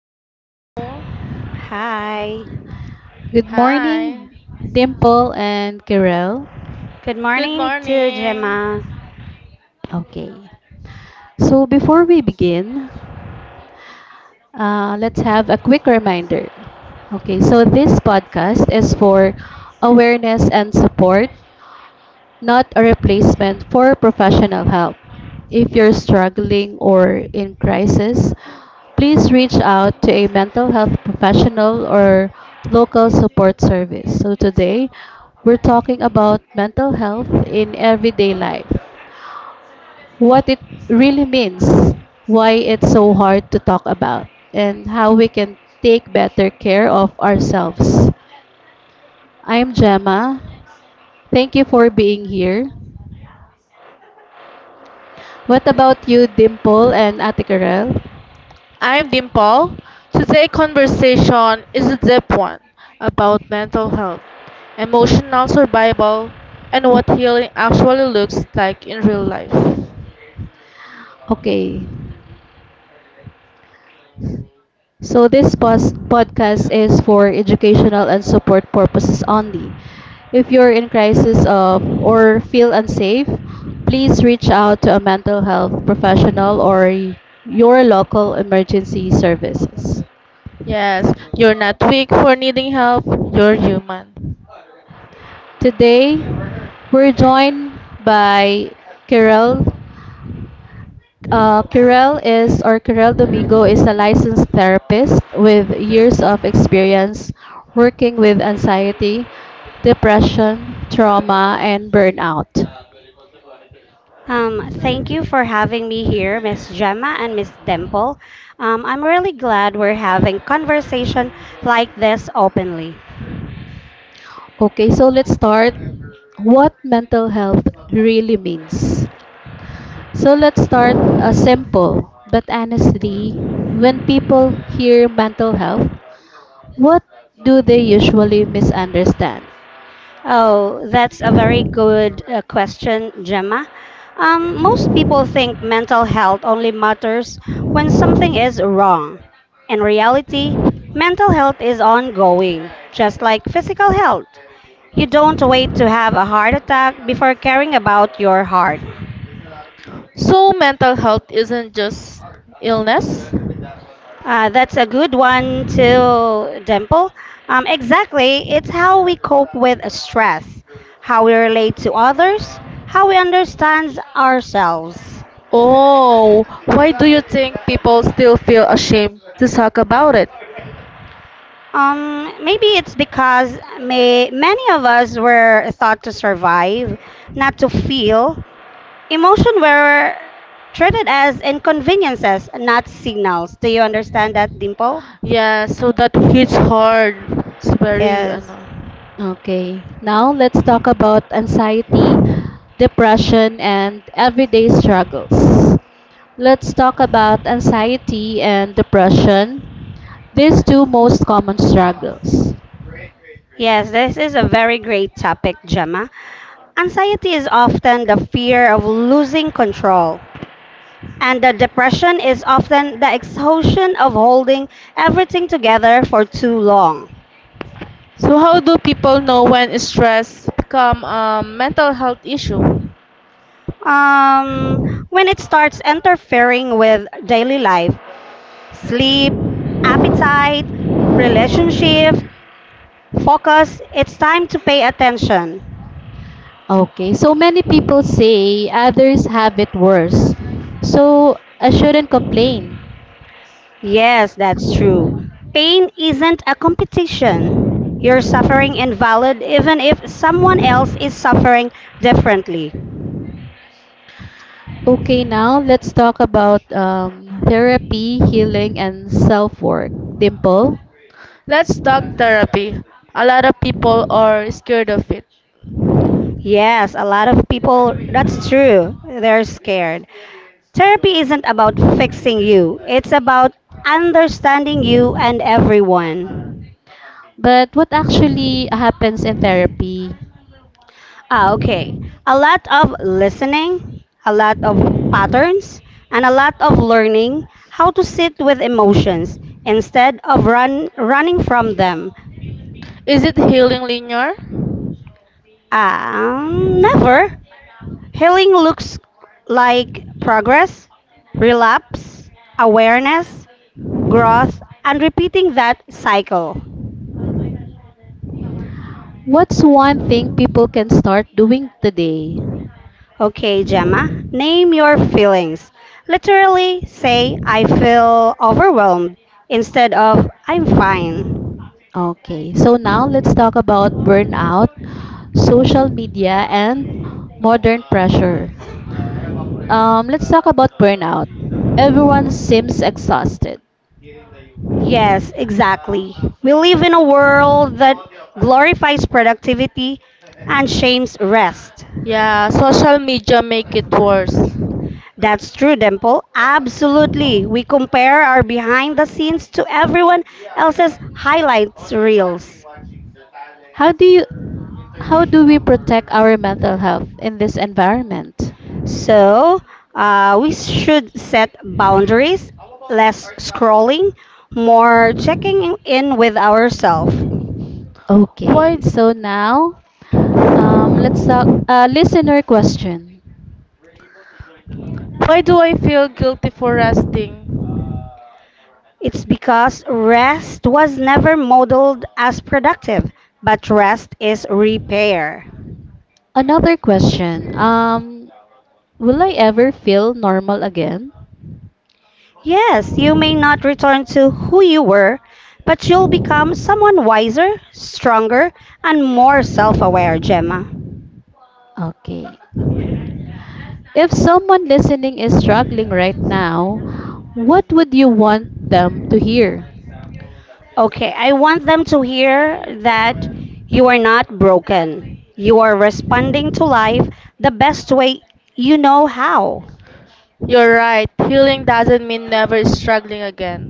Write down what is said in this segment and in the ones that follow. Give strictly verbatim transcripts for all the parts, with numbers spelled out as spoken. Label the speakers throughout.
Speaker 1: Hello.
Speaker 2: Hi.
Speaker 3: Good morning,
Speaker 1: Hi.
Speaker 3: Dimple and Kirel.
Speaker 2: Good
Speaker 1: Good
Speaker 2: morning to
Speaker 1: morning.
Speaker 2: Gemma.
Speaker 3: Okay. So before we begin, uh, let's have a quick reminder. Okay, so this podcast is for awareness and support, not a replacement for professional help. If you're struggling or in crisis, please reach out to a mental health professional or local support service. So, today we're talking about mental health in everyday life, what it really means, why it's so hard to talk about, and how we can take better care of ourselves. I'm Gemma. Thank you for being here. What about you, Dimple and Ate Karel?
Speaker 1: I'm Dimple. Today's conversation is a deep one about mental health, emotional survival, and what healing actually looks like in real life.
Speaker 3: Okay. So this pos- podcast is for educational and support purposes only. If you're in crisis of or feel unsafe, please reach out to a mental health professional or y- your local emergency services.
Speaker 1: Yes, you're not weak for needing help, you're human.
Speaker 3: Today, we're joined by Kirel. Uh, Kirel is, or Kirel Domingo is a licensed therapist with years of experience working with anxiety, depression, trauma, and burnout.
Speaker 2: Um, thank you for having me here, Miss Gemma and Miss Dimple. Um, I'm really glad we're having conversation like this openly.
Speaker 3: Okay, so let's start what mental health really means. So let's start uh, simple, but honestly, when people hear mental health, what do they usually misunderstand?
Speaker 2: Oh, that's a very good uh, question, Gemma. Um, most people think mental health only matters when something is wrong. In reality, mental health is ongoing, just like physical health. You don't wait to have a heart attack before caring about your heart.
Speaker 1: So, mental health isn't just illness?
Speaker 2: Uh, that's a good one too, Dimple. Um, exactly. It's how we cope with stress, how we relate to others, how we understand ourselves.
Speaker 1: Oh, why do you think people still feel ashamed to talk about it?
Speaker 2: Um, maybe it's because may, many of us were thought to survive, not to feel. Emotion were treated as inconveniences, not signals. Do you understand that, Dimple?
Speaker 1: Yeah, so that hits hard. It's very
Speaker 2: Yes.
Speaker 1: ano.
Speaker 3: Okay, now let's talk about anxiety, depression, and everyday struggles. Let's talk about anxiety and depression, these two most common struggles.
Speaker 2: Yes, this is a very great topic, Gemma. Anxiety is often the fear of losing control, and the depression is often the exhaustion of holding everything together for too long.
Speaker 1: So how do people know when stress become a mental health issue?
Speaker 2: Um, when it starts interfering with daily life, sleep, appetite, relationship, focus, it's time to pay attention.
Speaker 3: Okay, so many people say others have it worse, so I shouldn't complain.
Speaker 2: Yes, that's true. Pain isn't a competition. You're suffering and valid even if someone else is suffering differently.
Speaker 3: Okay, now let's talk about um, therapy, healing, and self work. Dimple?
Speaker 1: Let's talk therapy. A lot of people are scared of it.
Speaker 2: Yes, a lot of people, that's true. They're scared. Therapy isn't about fixing you, it's about understanding you and everyone.
Speaker 3: But what actually happens in therapy?
Speaker 2: Ah, okay. A lot of listening, a lot of patterns, and a lot of learning how to sit with emotions instead of run running from them.
Speaker 1: Is it healing linear?
Speaker 2: Um, never. Healing looks like progress, relapse, awareness, growth, and repeating that cycle.
Speaker 3: What's one thing people can start doing today?
Speaker 2: Okay, Gemma, name your feelings. Literally say, I feel overwhelmed instead of I'm fine.
Speaker 3: Okay, so now let's talk about burnout, social media, and modern pressure. Um, let's talk about burnout. Everyone seems exhausted.
Speaker 2: Yes, exactly. We live in a world that glorifies productivity and shames rest.
Speaker 1: Yeah, social media make it worse.
Speaker 2: That's true, Dimple. Absolutely. We compare our behind the scenes to everyone else's highlights reels.
Speaker 3: How do you, how do we protect our mental health in this environment?
Speaker 2: So, uh, we should set boundaries, less scrolling, more checking in with ourselves.
Speaker 1: Why
Speaker 3: Okay, so now um, let's talk uh, listener question.
Speaker 1: why do I feel guilty for resting?
Speaker 2: It's because rest was never modeled as productive, but rest is repair.
Speaker 3: Another question. Um, will I ever feel normal again?
Speaker 2: Yes, you may not return to who you were, but you'll become someone wiser, stronger, and more self aware, Gemma.
Speaker 3: Okay. If someone listening is struggling right now, what would you want them to hear?
Speaker 2: Okay, I want them to hear that you are not broken. You are responding to life the best way you know how.
Speaker 1: You're right. Healing doesn't mean never struggling again.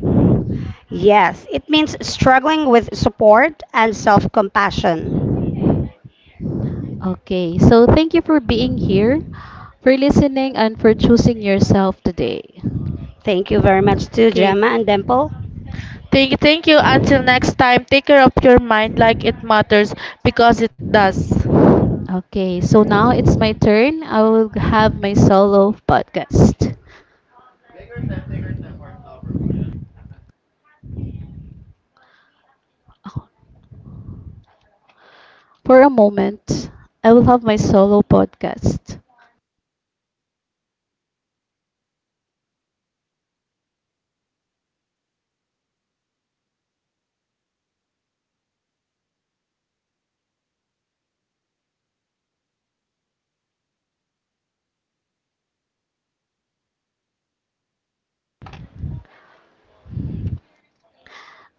Speaker 2: Yes, it means struggling with support and self compassion.
Speaker 3: Okay, so thank you for being here, for listening, and for choosing yourself today.
Speaker 2: Thank you very much to
Speaker 1: Kate.
Speaker 2: Gemma and Dimple.
Speaker 1: Thank, you, thank you. Until next time, take care of your mind like it matters because it does.
Speaker 3: Okay, so now it's my turn. I will have my solo podcast. For a moment, I will have my solo podcast.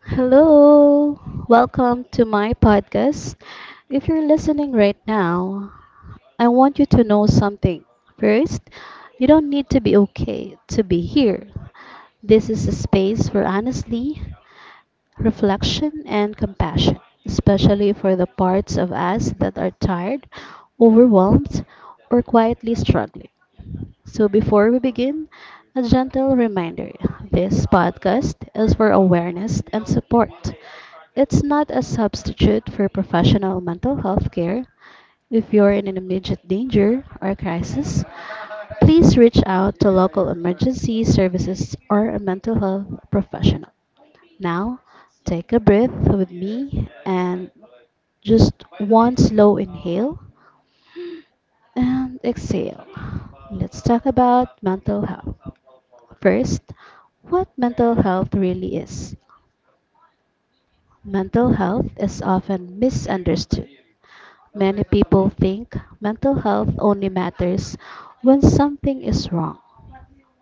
Speaker 3: Hello, welcome to my podcast. If you're listening right now, I want you to know something. First, you don't need to be okay to be here. This is a space for honesty, reflection, and compassion, especially for the parts of us that are tired, overwhelmed, or quietly struggling. So before we begin, a gentle reminder: this podcast is for awareness and support. It's not a substitute for professional mental health care. If you're in an immediate danger or crisis, please reach out to local emergency services or a mental health professional. Now, take a breath with me and just one slow inhale and exhale. Let's talk about mental health. First, what mental health really is. Mental health is often misunderstood. Many people think mental health only matters when something is wrong.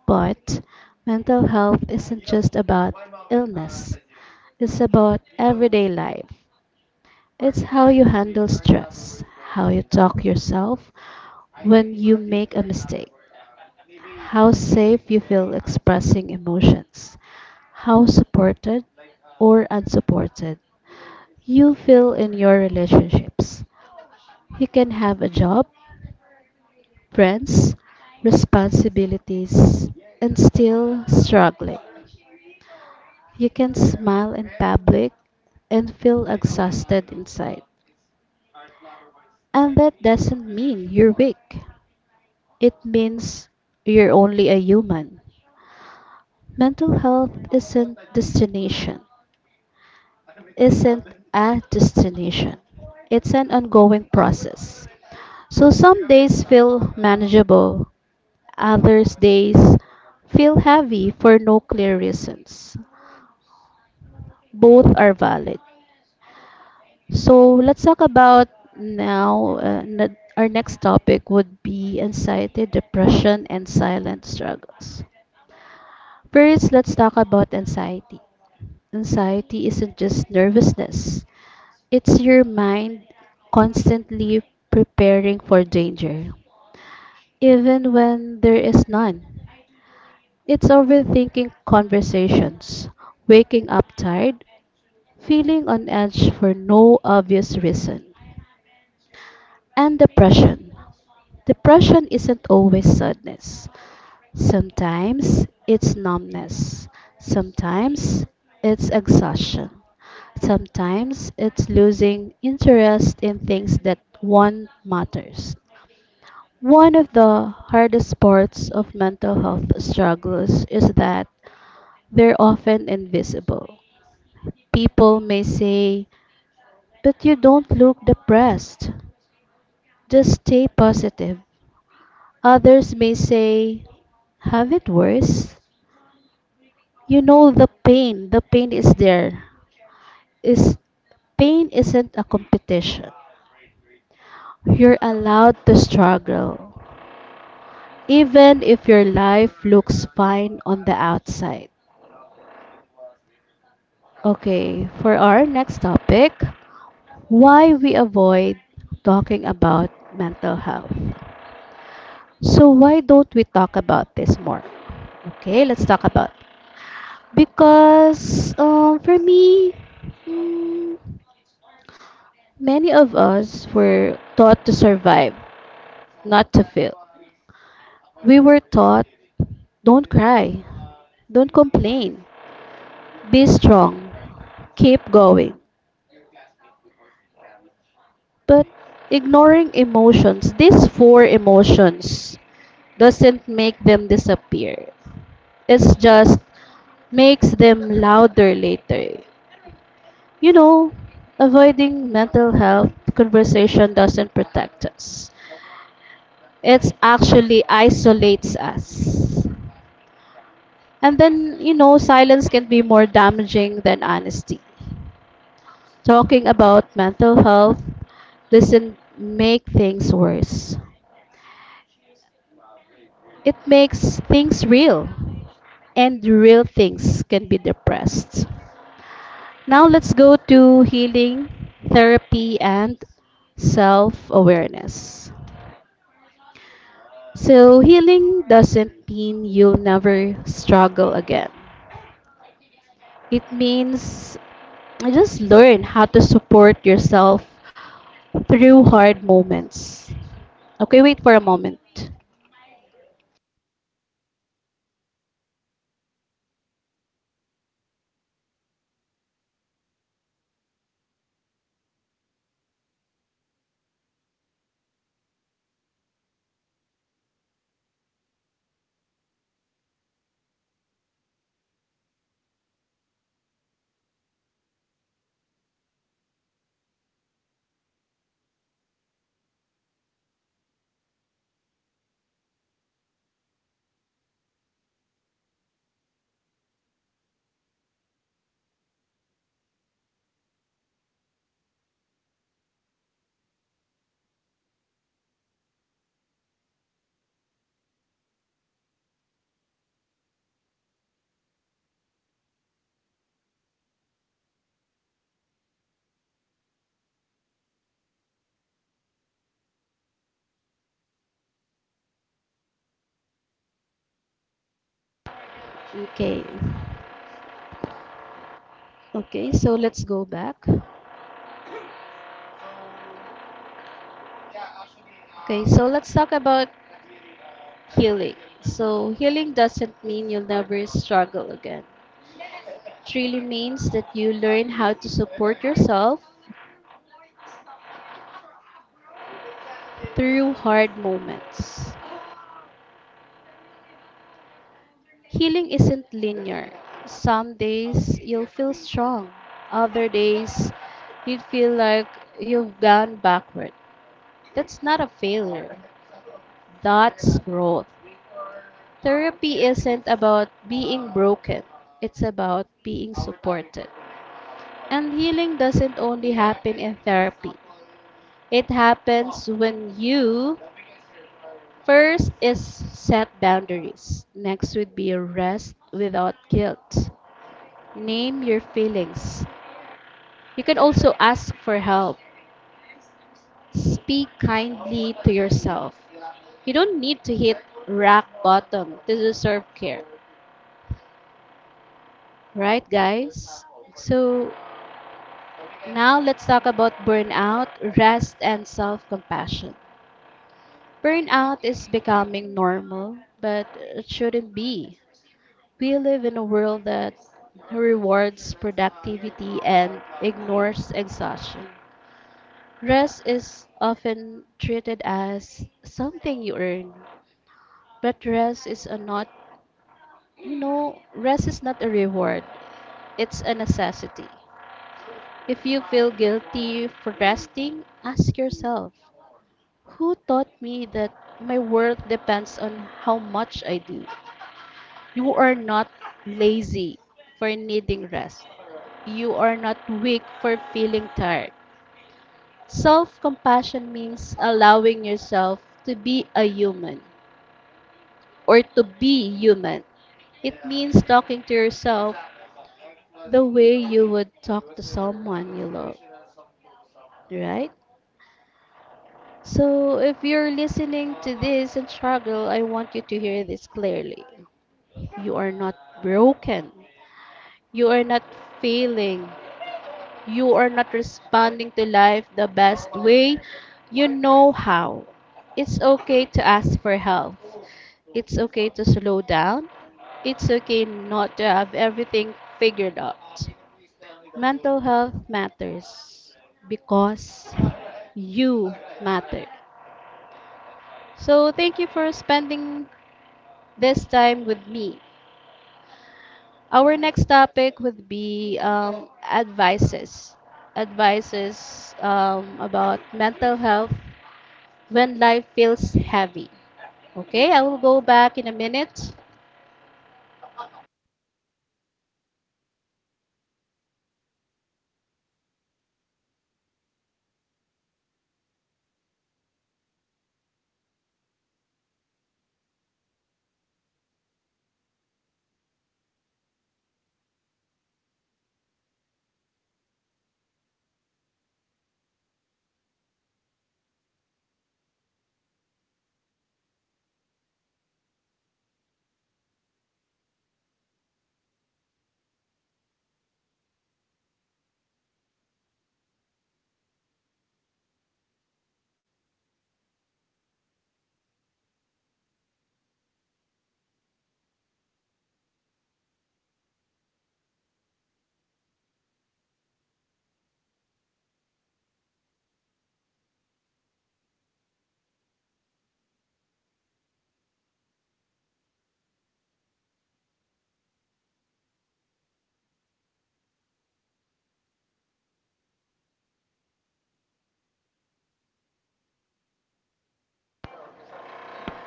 Speaker 3: But mental health isn't just about illness, it's about everyday life. It's how you handle stress, how you talk yourself when you make a mistake, how safe you feel expressing emotions, how supported or unsupported you feel in your relationships. You can have a job, friends, responsibilities, and still struggling. You can smile in public and feel exhausted inside. And that doesn't mean you're weak. It means you're only a human. Mental health isn't destination. isn't a destination, it's an ongoing process. So some days feel manageable, others days feel heavy for no clear reasons. Both are valid. So let's talk about now. Uh, n- our next topic would be anxiety, depression, and silent struggles. First, let's talk about anxiety. Anxiety isn't just nervousness. It's your mind constantly preparing for danger, even when there is none. It's overthinking conversations, waking up tired, feeling on edge for no obvious reason, and depression. Depression isn't always sadness. Sometimes it's numbness. Sometimes it's exhaustion. Sometimes it's losing interest in things that one matters. One of the hardest parts of mental health struggles is that they're often invisible. People may say, but you don't look depressed. Just stay positive. Others may say, have it worse. You know the pain, the pain is there. Is Pain isn't a competition. You're allowed to struggle even if your life looks fine on the outside. Okay, for our next topic, why we avoid talking about mental health. So why don't we talk about this more? Okay, let's talk about. Because um, for me, mm, many of us were taught to survive, not to feel. We were taught don't cry, don't complain, be strong, keep going. But ignoring emotions, these four emotions, doesn't make them disappear. It's just makes them louder later. You know, avoiding mental health conversation doesn't protect us. It's actually isolates us. And then, you know, silence can be more damaging than honesty. Talking about mental health doesn't make things worse. It makes things real, and real things can be depressed. Now let's go to healing, therapy, and self awareness. So, healing doesn't mean you'll never struggle again. It means just learn how to support yourself through hard moments. Okay, wait for a moment. Okay. Okay, so let's go back. Okay, so let's talk about healing. So, healing doesn't mean you'll never struggle again. It really means that you learn how to support yourself through hard moments. Healing isn't linear. Some days you'll feel strong, other days you'd feel like you've gone backward. That's not a failure, that's growth. Therapy isn't about being broken, it's about being supported. And healing doesn't only happen in therapy, it happens when you first is set boundaries. Next would be rest without guilt. Name your feelings. You can also ask for help. Speak kindly to yourself. You don't need to hit rock bottom to deserve care. Right, guys? So, now let's talk about burnout, rest, and self compassion. Burnout is becoming normal, but it shouldn't be. We live in a world that rewards productivity and ignores exhaustion. Rest is often treated as something you earn. But rest is a not, You know, rest is not a reward, it's a necessity. If you feel guilty for resting, ask yourself, who taught me that my worth depends on how much I do? You are not lazy for needing rest. You are not weak for feeling tired. Self compassion means allowing yourself to be a human, or to be human. It means talking to yourself the way you would talk to someone you love, right? So, if you're listening to this and struggle, I want you to hear this clearly. You are not broken. You are not failing. You are not responding to life the best way you know how. It's okay to ask for help. It's okay to slow down. It's okay not to have everything figured out. Mental health matters because you matter. So, thank you for spending this time with me. Our next topic would be um, advices. Advices um, about mental health when life feels heavy. Okay, I will go back in a minute.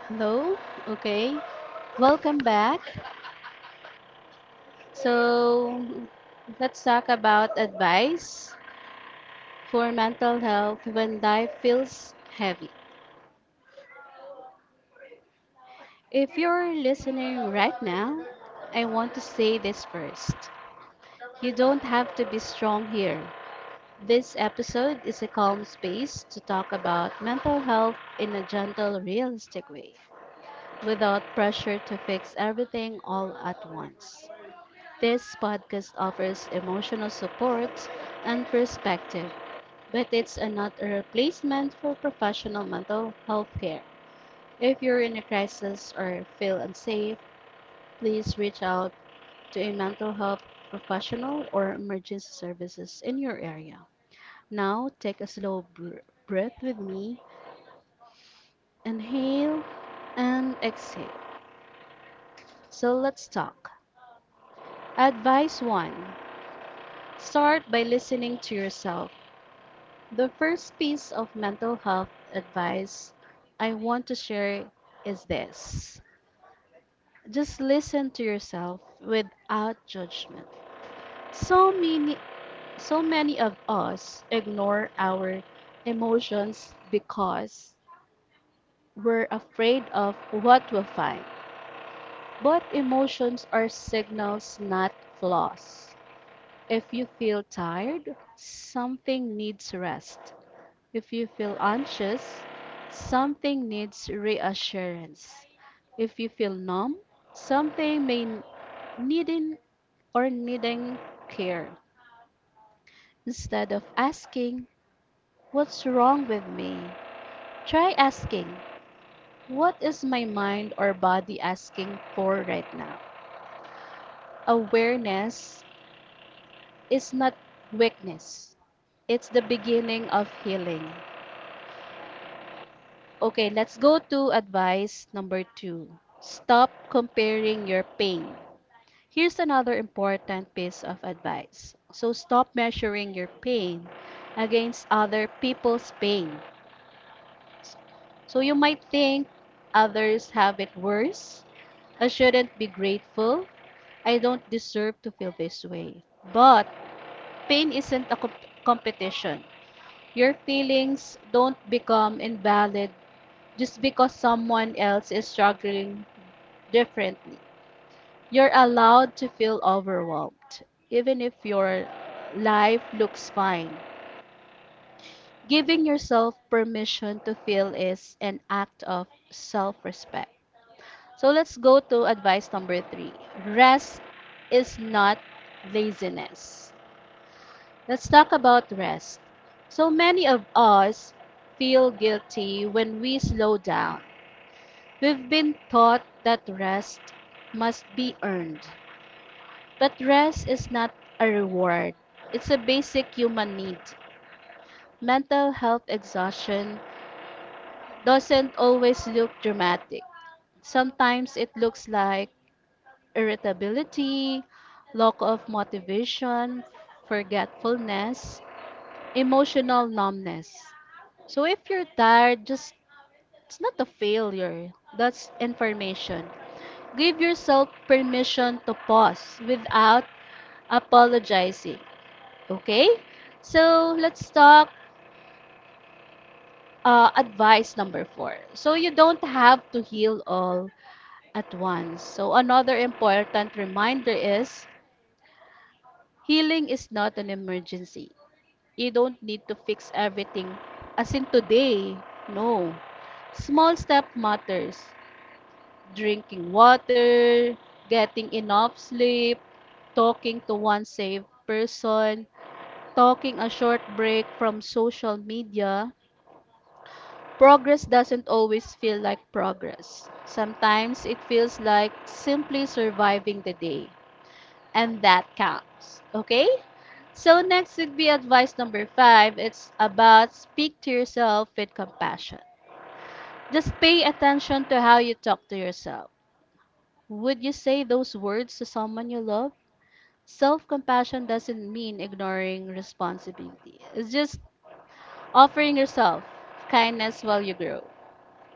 Speaker 3: Hello. Okay. Welcome back. So, let's talk about advice for mental health when life feels heavy. If you're listening right now, I want to say this first. You don't have to be strong here. This episode is a calm space to talk about mental health in a gentle, realistic way, without pressure to fix everything all at once. This podcast offers emotional support and perspective, but it's not a replacement for professional mental health care. If you're in a crisis or feel unsafe, please reach out to a mental health professional or emergency services in your area. Now, take a slow br- breath with me. Inhale and exhale. So, let's talk. Advice one: start by listening to yourself. The first piece of mental health advice I want to share is this: just listen to yourself without judgment. So many, so many of us ignore our emotions because we're afraid of what we'll find. But emotions are signals, not flaws. If you feel tired, something needs rest. If you feel anxious, something needs reassurance. If you feel numb, something may needing or needing care. Instead of asking, what's wrong with me? Try asking, what is my mind or body asking for right now? Awareness is not weakness, it's the beginning of healing. Okay, let's go to advice number two: stop comparing your pain. Here's another important piece of advice. So, stop measuring your pain against other people's pain. So you might think others have it worse. I shouldn't be grateful. I don't deserve to feel this way. But pain isn't a comp- competition. Your feelings don't become invalid just because someone else is struggling differently. You're allowed to feel overwhelmed, even if your life looks fine. Giving yourself permission to feel is an act of self respect. So let's go to advice number three. Rest is not laziness. Let's talk about rest. So many of us feel guilty when we slow down. We've been taught that rest must be earned. But rest is not a reward, it's a basic human need. Mental health exhaustion doesn't always look dramatic. Sometimes it looks like irritability, lack of motivation, forgetfulness, emotional numbness. So if you're tired, just it's not a failure. That's information. Give yourself permission to pause without apologizing. Okay? So let's talk uh, advice number four. So you don't have to heal all at once. So another important reminder is healing is not an emergency. You don't need to fix everything, as in today. No. Small step matters. Drinking water, getting enough sleep, talking to one safe person, talking a short break from social media. Progress doesn't always feel like progress. Sometimes it feels like simply surviving the day. And that counts. Okay? So next would be advice number five. It's about speak to yourself with compassion. Just pay attention to how you talk to yourself. Would you say those words to someone you love? Self compassion doesn't mean ignoring responsibility, it's just offering yourself kindness while you grow.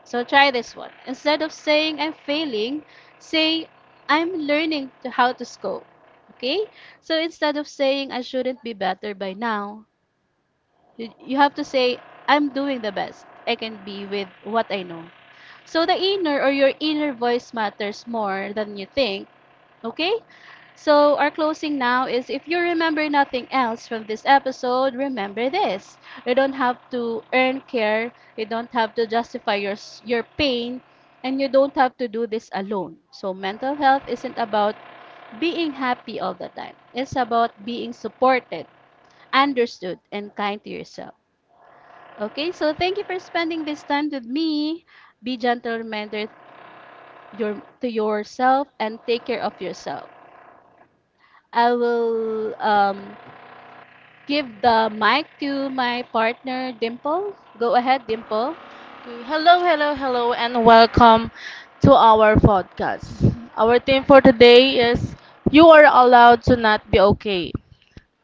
Speaker 3: So try this one. Instead of saying I'm failing, say I'm learning to how to cope. Okay? So instead of saying I shouldn't be better by now, You, you have to say, I'm doing the best I can be with what I know. So the inner or your inner voice matters more than you think. Okay? So our closing now is if you remember nothing else from this episode, remember this. You don't have to earn care, you don't have to justify your your pain, and you don't have to do this alone. So mental health isn't about being happy all the time. It's about being supported, understood, and kind to yourself. Okay, so thank you for spending this time with me. Be gentle reminder your to yourself and take care of yourself. I will um, give the mic to my partner Dimple. Go ahead, Dimple.
Speaker 1: Hello, hello, hello, and welcome to our podcast. Our theme for today is "You Are Allowed to Not Be Okay."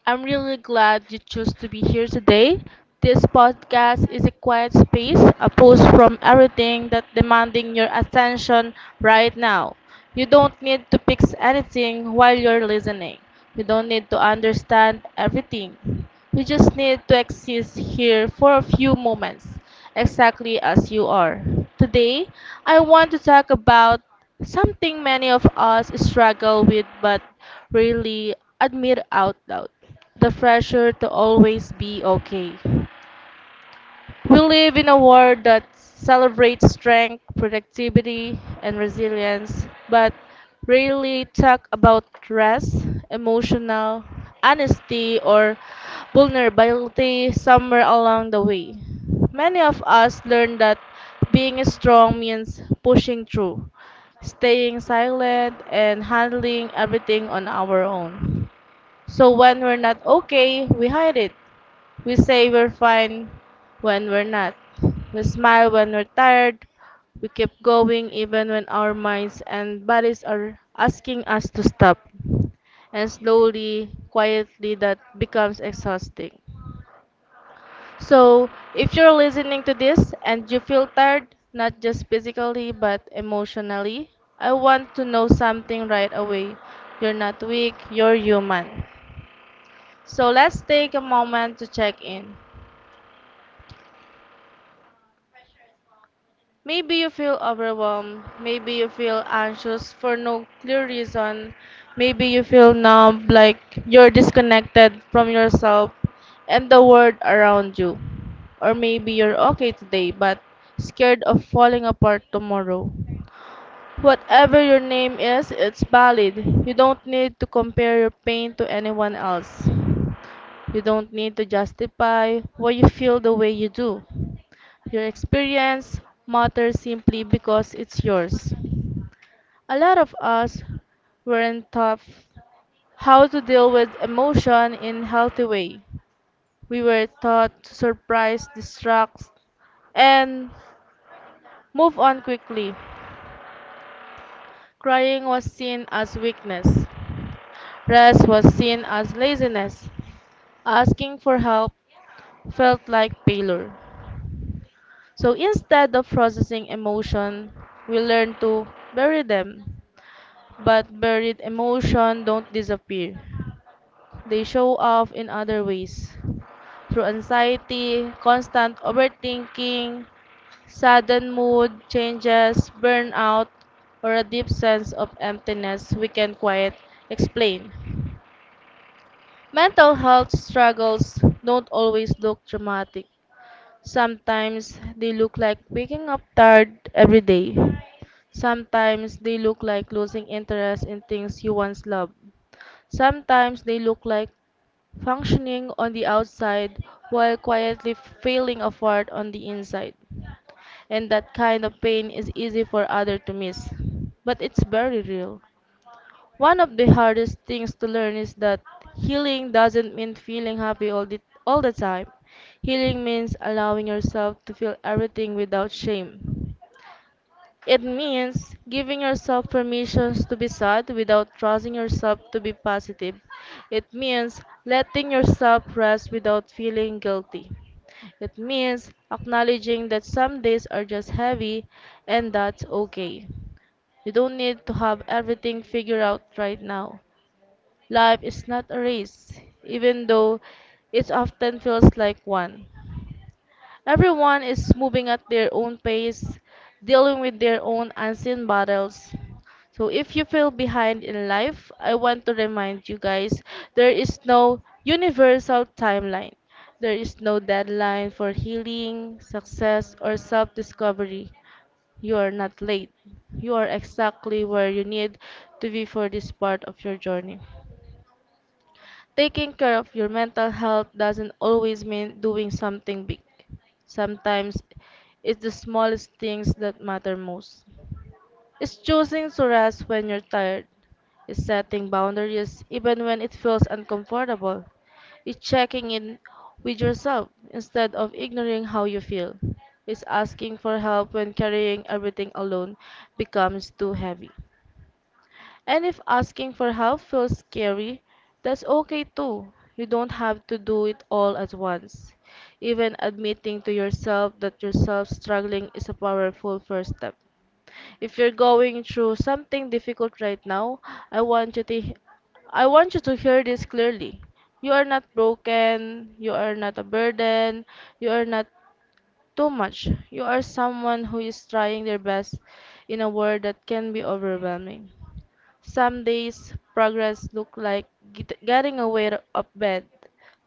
Speaker 1: I'm really glad you chose to be here today. This podcast is a quiet space, a pause from everything that's demanding your attention right now. You don't need to fix anything while you're listening. You don't need to understand everything. You just need to exist here for a few moments, exactly as you are. Today, I want to talk about something many of us struggle with but rarely admit out loud: the pressure to always be okay. We live in a world that celebrates strength, productivity, and resilience, but rarely talk about rest, emotional honesty, or vulnerability somewhere along the way. Many of us learn that being strong means pushing through, staying silent, and handling everything on our own. So when we're not okay, we hide it. We say we're fine when we're not. We smile when we're tired. We keep going even when our minds and bodies are asking us to stop. And slowly, quietly, that becomes exhausting. So, if you're listening to this and you feel tired, not just physically but emotionally, I want to know something right away. You're not weak, you're human. So let's take a moment to check in. Maybe you feel overwhelmed. Maybe you feel anxious for no clear reason. Maybe you feel numb, like you're disconnected from yourself and the world around you. Or maybe you're okay today but scared of falling apart tomorrow. Whatever your name is, it's valid. You don't need to compare your pain to anyone else. You don't need to justify why you feel the way you do. Your experience matters simply because it's yours. A lot of us weren't taught how to deal with emotion in a healthy way. We were taught to surprise, distract, and move on quickly. Crying was seen as weakness. Rest was seen as laziness. Asking for help felt like failure. So instead of processing emotion, we learn to bury them. But buried emotion don't disappear. They show up in other ways. Through anxiety, constant overthinking, sudden mood changes, burnout, or a deep sense of emptiness we can quite explain. Mental health struggles don't always look dramatic. Sometimes they look like waking up tired every day. Sometimes they look like losing interest in things you once loved. Sometimes they look like functioning on the outside while quietly failing apart on the inside. And that kind of pain is easy for others to miss, but it's very real. One of the hardest things to learn is that healing doesn't mean feeling happy all the, all the time. Healing means allowing yourself to feel everything without shame. It means giving yourself permissions to be sad without trusting yourself to be positive. It means letting yourself rest without feeling guilty. It means acknowledging that some days are just heavy and that's okay. You don't need to have everything figured out right now. Life is not a race, even though it often feels like one. Everyone is moving at their own pace, dealing with their own unseen battles. So if you feel behind in life, I want to remind you guys there is no universal timeline. There is no deadline for healing, success, or self discovery. You are not late. You are exactly where you need to be for this part of your journey. Taking care of your mental health doesn't always mean doing something big. Sometimes it's the smallest things that matter most. It's choosing to rest when you're tired. It's setting boundaries even when it feels uncomfortable. It's checking in with yourself instead of ignoring how you feel. It's asking for help when carrying everything alone becomes too heavy. And if asking for help feels scary, that's okay too. You don't have to do it all at once. Even admitting to yourself that yourself struggling is a powerful first step. If you're going through something difficult right now, I want you to he- I want you to hear this clearly. You are not broken, you are not a burden, you are not too much. You are someone who is trying their best in a world that can be overwhelming. Some days progress look like get- getting away of bed.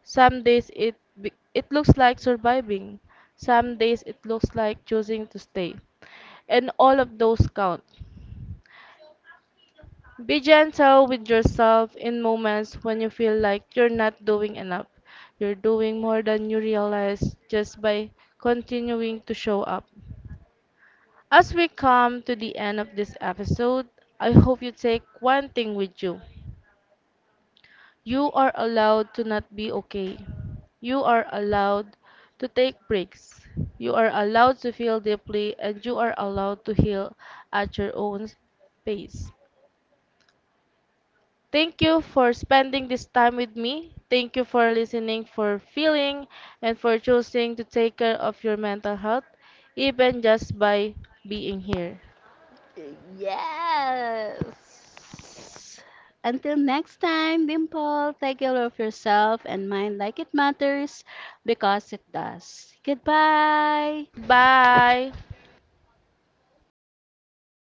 Speaker 1: Some days it be- it looks like surviving. Some days it looks like choosing to stay. And all of those count. Be gentle with yourself in moments when you feel like you're not doing enough. You're doing more than you realize just by continuing to show up. As we come to the end of this episode, I hope you take one thing with you. You are allowed to not be okay. You are allowed to take breaks. You are allowed to feel deeply and you are allowed to heal at your own pace. Thank you for spending this time with me. Thank you for listening, for feeling, and for choosing to take care of your mental health, even just by being here.
Speaker 3: Yes. Until next time, Dimple, take care of yourself and mind like it matters because it does. Goodbye.
Speaker 1: Bye.